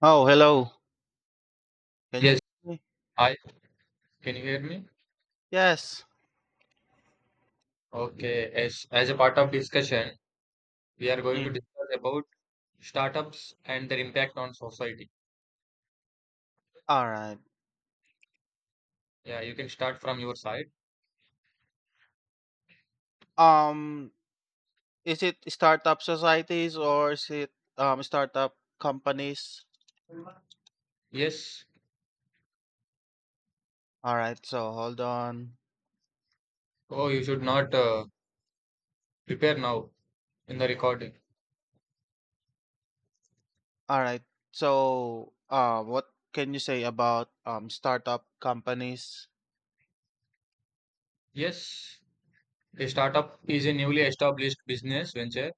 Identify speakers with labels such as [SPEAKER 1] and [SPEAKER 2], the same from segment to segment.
[SPEAKER 1] Oh, hello. Can you
[SPEAKER 2] Yes,
[SPEAKER 1] hear me?
[SPEAKER 2] I can you hear me?
[SPEAKER 1] Yes.
[SPEAKER 2] Okay, as a part of discussion, we are going to
[SPEAKER 1] Mm.
[SPEAKER 2] discuss about startups and their impact on society.
[SPEAKER 1] All right.
[SPEAKER 2] Yeah, you can start from your side.
[SPEAKER 1] Um, is it startup societies or is it startup companies?
[SPEAKER 2] Yes.
[SPEAKER 1] All right. So hold on.
[SPEAKER 2] Oh, you should not prepare now in the recording.
[SPEAKER 1] All right. So, what can you say about startup companies?
[SPEAKER 2] Yes, a startup is a newly established business venture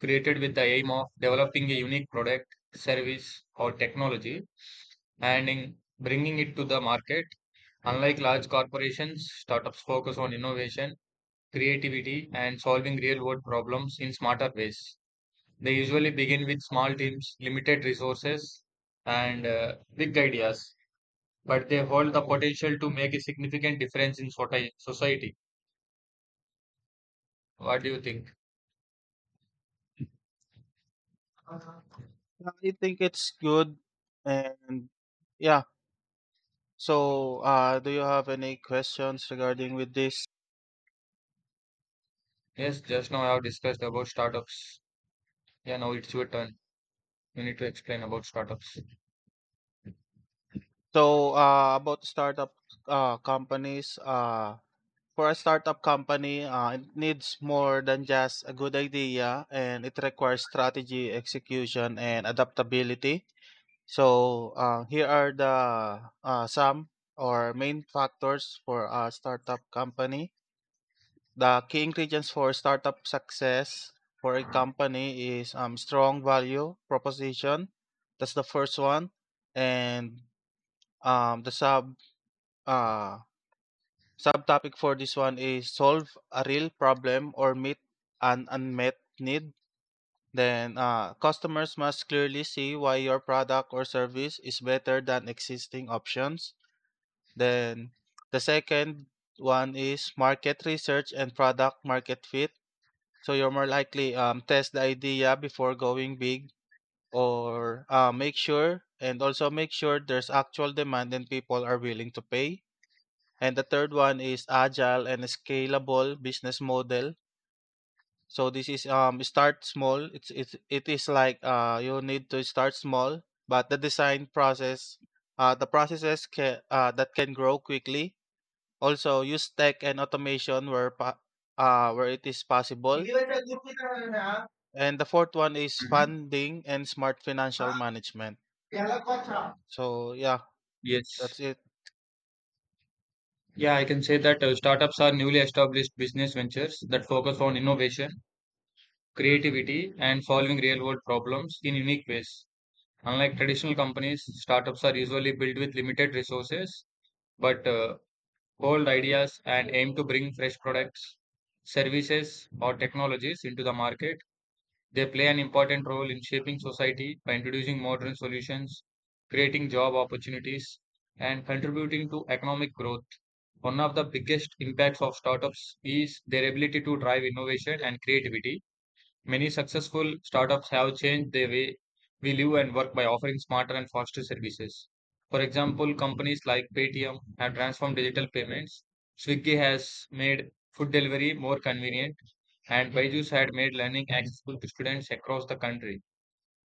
[SPEAKER 2] created with the aim of developing a unique product, service, or technology and in bringing it to the market. Unlike large corporations, startups focus on innovation, creativity, and solving real world problems in smarter ways. They usually begin with small teams, limited resources, and big ideas, but they hold the potential to make a significant difference in society. What do you think?
[SPEAKER 1] Yeah, I think it's good, and yeah. So, do you have any questions regarding with this?
[SPEAKER 2] Yes, just now I have discussed about startups. Yeah, now it's your turn. You need to explain about startups.
[SPEAKER 1] So, about startup companies, For a startup company, it needs more than just a good idea and it requires strategy, execution, and adaptability. So, here are the some or main factors for a startup company. The key ingredients for startup success for a company is strong value proposition. That's the first one. And the sub uh, subtopic for this one is solve a real problem or meet an unmet need. Then customers must clearly see why your product or service is better than existing options. Then the second one is market research and product market fit. So you're more likely test the idea before going big or make sure and also make sure there's actual demand and people are willing to pay, and the third one is agile and scalable business model. So this is start small. It's it is like, you need to start small, but the design process, the processes can that can grow quickly. Also use tech and automation where where it is possible. And the fourth one is
[SPEAKER 2] Mhm.
[SPEAKER 1] funding and smart financial management. So yeah,
[SPEAKER 2] Yes.
[SPEAKER 1] that's it.
[SPEAKER 2] Yeah, I can say that startups are newly established business ventures that focus on innovation, creativity, and solving real world problems in unique ways. Unlike traditional companies, startups are usually built with limited resources, but hold ideas and aim to bring fresh products, services, or technologies into the market. They play an important role in shaping society by introducing modern solutions, creating job opportunities, and contributing to economic growth. One of the biggest impacts of startups is their ability to drive innovation and creativity. Many successful startups have changed the way we live and work by offering smarter and faster services. For example, companies like Paytm have transformed digital payments. Swiggy has made food delivery more convenient, and Byju's had made learning accessible to students across the country.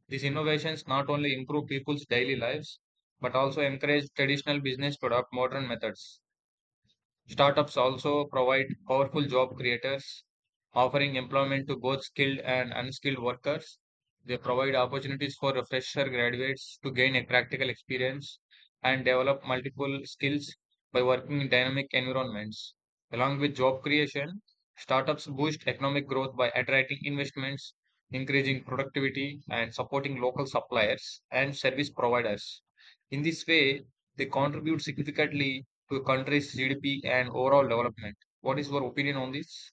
[SPEAKER 2] These innovations not only improve people's daily lives, but also encourage traditional business to adopt modern methods. Startups also provide powerful job creators, offering employment to both skilled and unskilled workers. They provide opportunities for fresher graduates to gain a practical experience and develop multiple skills by working in dynamic environments. Along with job creation, startups boost economic growth by attracting investments, increasing productivity, and supporting local suppliers and service providers. In this way, they contribute significantly to a country's GDP and overall development. What is your opinion on this?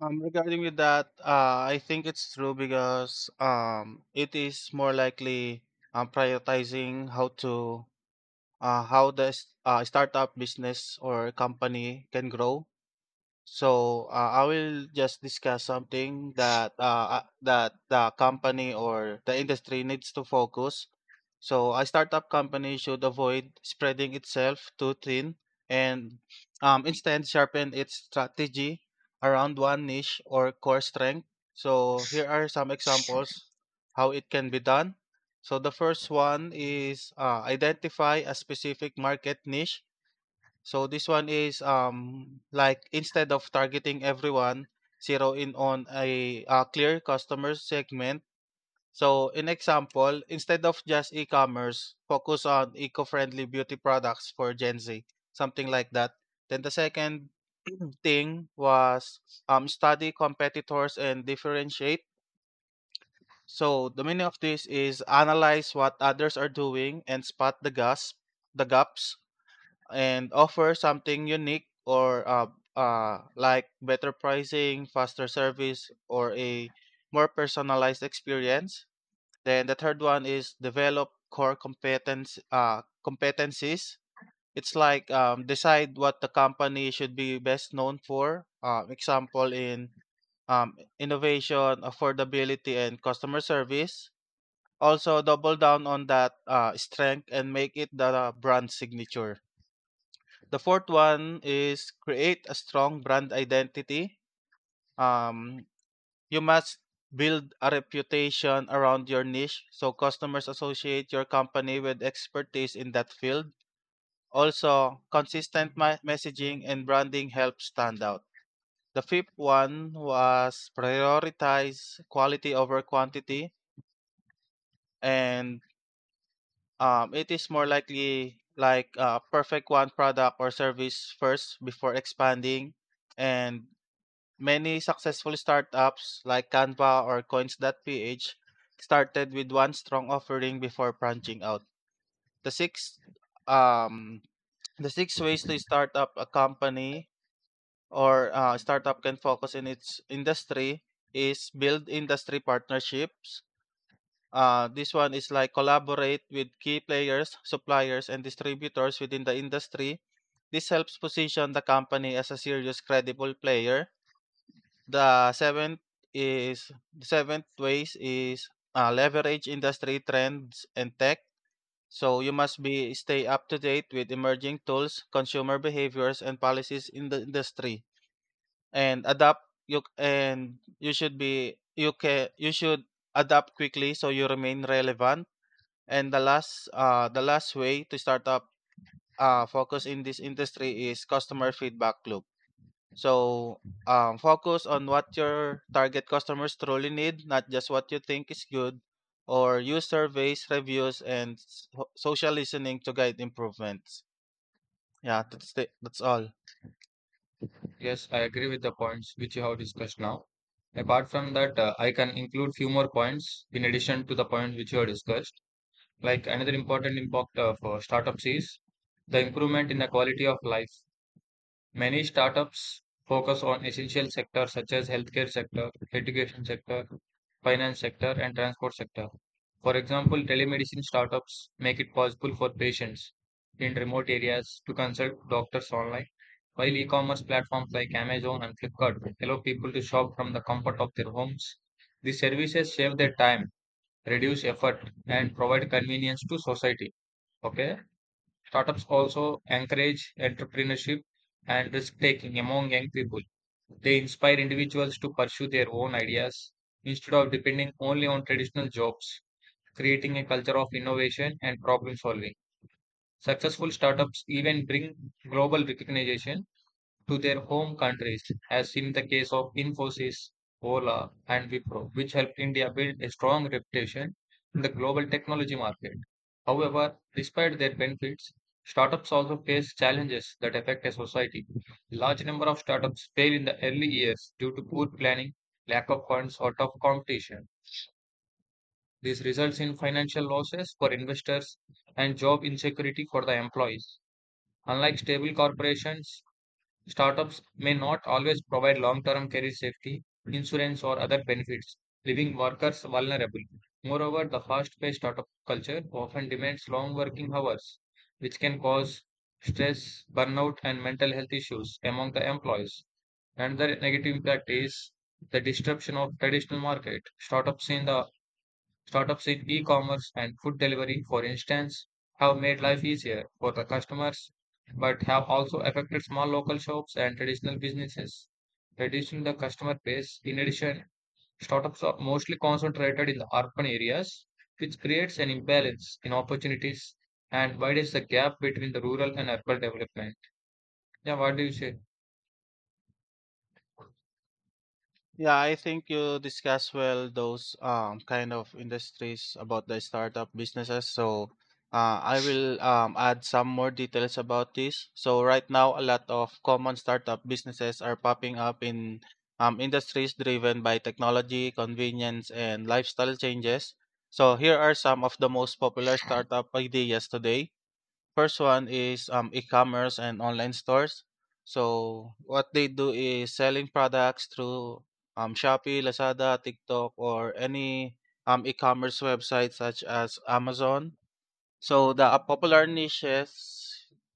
[SPEAKER 1] Regarding with that, I think it's true because it is more likely prioritizing how to how the startup business or company can grow. So I will just discuss something that that the company or the industry needs to focus. So a startup company should avoid spreading itself too thin, and instead sharpen its strategy around one niche or core strength. So here are some examples how it can be done. So the first one is, identify a specific market niche. So this one is like instead of targeting everyone, zero in on a, clear customer segment. So in example, instead of just e-commerce, focus on eco-friendly beauty products for Gen Z, something like that. Then the second thing was study competitors and differentiate. So the meaning of this is analyze what others are doing and spot the gaps, the gaps, and offer something unique or like better pricing, faster service, or a more personalized experience. Then the third one is develop core competence, competencies. It's like, decide what the company should be best known for. Example in innovation, affordability, and customer service. Also, double down on that strength and make it the brand signature. The fourth one is create a strong brand identity. Um, you must build a reputation around your niche so customers associate your company with expertise in that field. Also, consistent messaging and branding help stand out. The fifth one was prioritize quality over quantity, and it is more likely like, perfect one product or service first before expanding, and many successful startups like Canva or Coins.ph started with one strong offering before branching out. The six um the six ways to start up a company, or startup can focus in its industry is build industry partnerships. This one is like collaborate with key players, suppliers, and distributors within the industry. This helps position the company as a serious, credible player. The seventh is the seventh ways is leverage industry trends and tech. So you must be stay up to date with emerging tools, consumer behaviors, and policies in the industry, and adapt. You and you should be you can you should adapt quickly so you remain relevant. And the last way to start up, focus in this industry is customer feedback loop. So focus on what your target customers truly need, not just what you think is good, or use surveys, reviews, and social listening to guide improvements. Yeah, that's all.
[SPEAKER 2] Yes, I agree with the points which you have discussed now. Apart from that, I can include few more points in addition to the points which you have discussed. Like another important impact of startups is the improvement in the quality of life. Many startups focus on essential sectors such as healthcare sector, education sector, finance sector, and transport sector. For example, telemedicine startups make it possible for patients in remote areas to consult doctors online, while e-commerce platforms like Amazon and Flipkart allow people to shop from the comfort of their homes. These services save their time, reduce effort, and provide convenience to society. Okay. Startups also encourage entrepreneurship and risk taking among young people. They inspire individuals to pursue their own ideas instead of depending only on traditional jobs, creating a culture of innovation and problem solving. Successful startups even bring global recognition to their home countries, as in the case of Infosys, Ola, and Wipro, which helped India build a strong reputation in the global technology market. However, despite their benefits, startups also face challenges that affect a society. A large number of startups fail in the early years due to poor planning, lack of funds, or tough competition. This results in financial losses for investors and job insecurity for the employees. Unlike stable corporations, startups may not always provide long-term career safety, insurance, or other benefits, leaving workers vulnerable. Moreover, the fast-paced startup culture often demands long working hours, which can cause stress, burnout, and mental health issues among the employees. Another negative impact is the disruption of traditional market. Startups in e-commerce and food delivery, for instance, have made life easier for the customers, but have also affected small local shops and traditional businesses, reducing the customer base. In addition, startups are mostly concentrated in the urban areas, which creates an imbalance in opportunities and widens the gap between the rural and urban development. Yeah, what do you say?
[SPEAKER 1] Yeah, I think you discuss well those kind of industries about the startup businesses. So I will add some more details about this. So right now, a lot of common startup businesses are popping up in industries driven by technology, convenience, and lifestyle changes. So here are some of the most popular startup ideas today. First one is e-commerce and online stores. So what they do is selling products through Shopee, Lazada, TikTok, or any e-commerce website such as Amazon. So the popular niches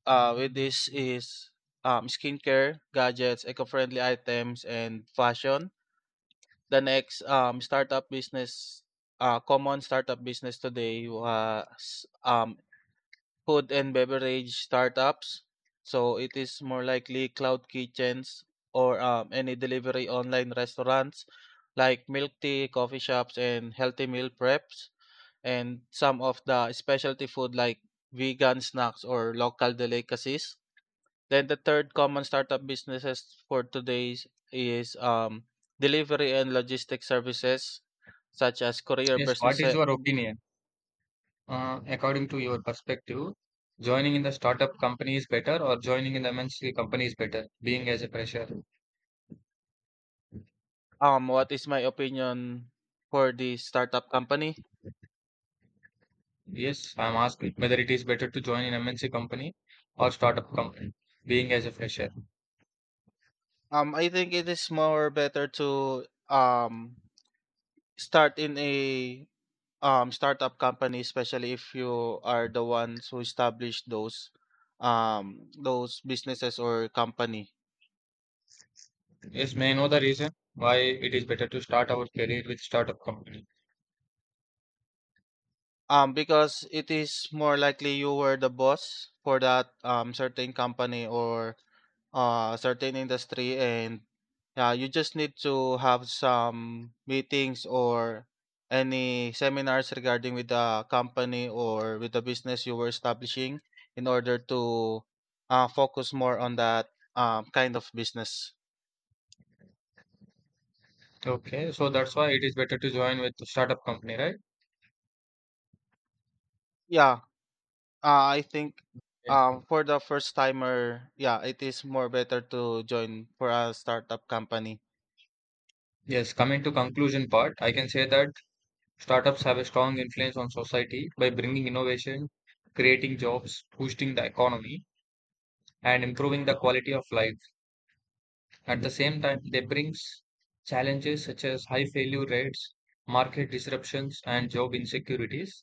[SPEAKER 1] with this is skincare, gadgets, eco-friendly items, and fashion. The next startup business, common startup business today was food and beverage startups. So it is more likely cloud kitchens or any delivery online restaurants like milk tea, coffee shops, and healthy meal preps, and some of the specialty food like vegan snacks or local delicacies. Then the third common startup businesses for today is delivery and logistics services such as courier
[SPEAKER 2] Yes, what
[SPEAKER 1] business.
[SPEAKER 2] is your opinion? According to your perspective, joining in the startup company is better or joining in the MNC company is better, being as a fresher?
[SPEAKER 1] What is my opinion for the startup company?
[SPEAKER 2] Yes, I'm asking whether it is better to join in MNC company or startup company, being as a fresher.
[SPEAKER 1] I think it is more better to um start in a startup company, especially if you are the ones who establish those businesses or company.
[SPEAKER 2] Yes, may I know the reason why it is better to start our career with startup company?
[SPEAKER 1] Because it is more likely you were the boss for that certain company or certain industry, and yeah, you just need to have some meetings or any seminars regarding with the company or with the business you were establishing in order to focus more on that kind of business.
[SPEAKER 2] Okay, so that's why it is better to join with startup company, right?
[SPEAKER 1] Yeah, I think
[SPEAKER 2] Yeah.
[SPEAKER 1] for the first timer, yeah, it is more better to join for a startup company.
[SPEAKER 2] Yes, coming to conclusion part, I can say that startups have a strong influence on society by bringing innovation, creating jobs, boosting the economy, and improving the quality of life. At the same time, they bring challenges such as high failure rates, market disruptions, and job insecurities.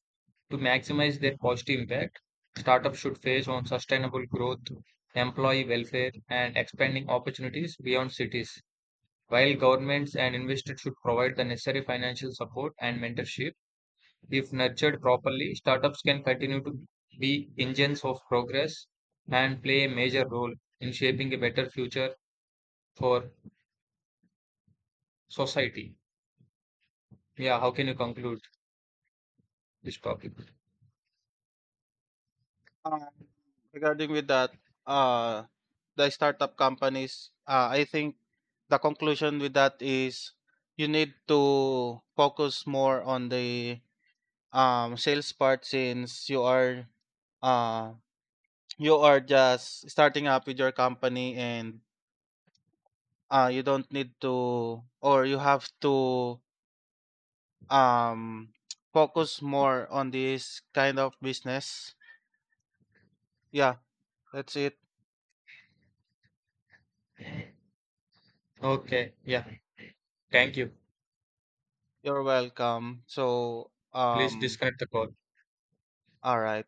[SPEAKER 2] To maximize their positive impact, startups should face on sustainable growth, employee welfare, and expanding opportunities beyond cities, while governments and investors should provide the necessary financial support and mentorship. If nurtured properly, startups can continue to be engines of progress and play a major role in shaping a better future for society. Yeah, how can you conclude this topic?
[SPEAKER 1] Um, Regarding with that, uh, the startup companies, I think the conclusion with that is you need to focus more on the sales part, since uh, you are just starting up with your company, and you don't need to or you have to um, focus more on this kind of business. Yeah, that's it.
[SPEAKER 2] Okay, yeah, thank you.
[SPEAKER 1] You're welcome. So,
[SPEAKER 2] Please disconnect the call.
[SPEAKER 1] all right.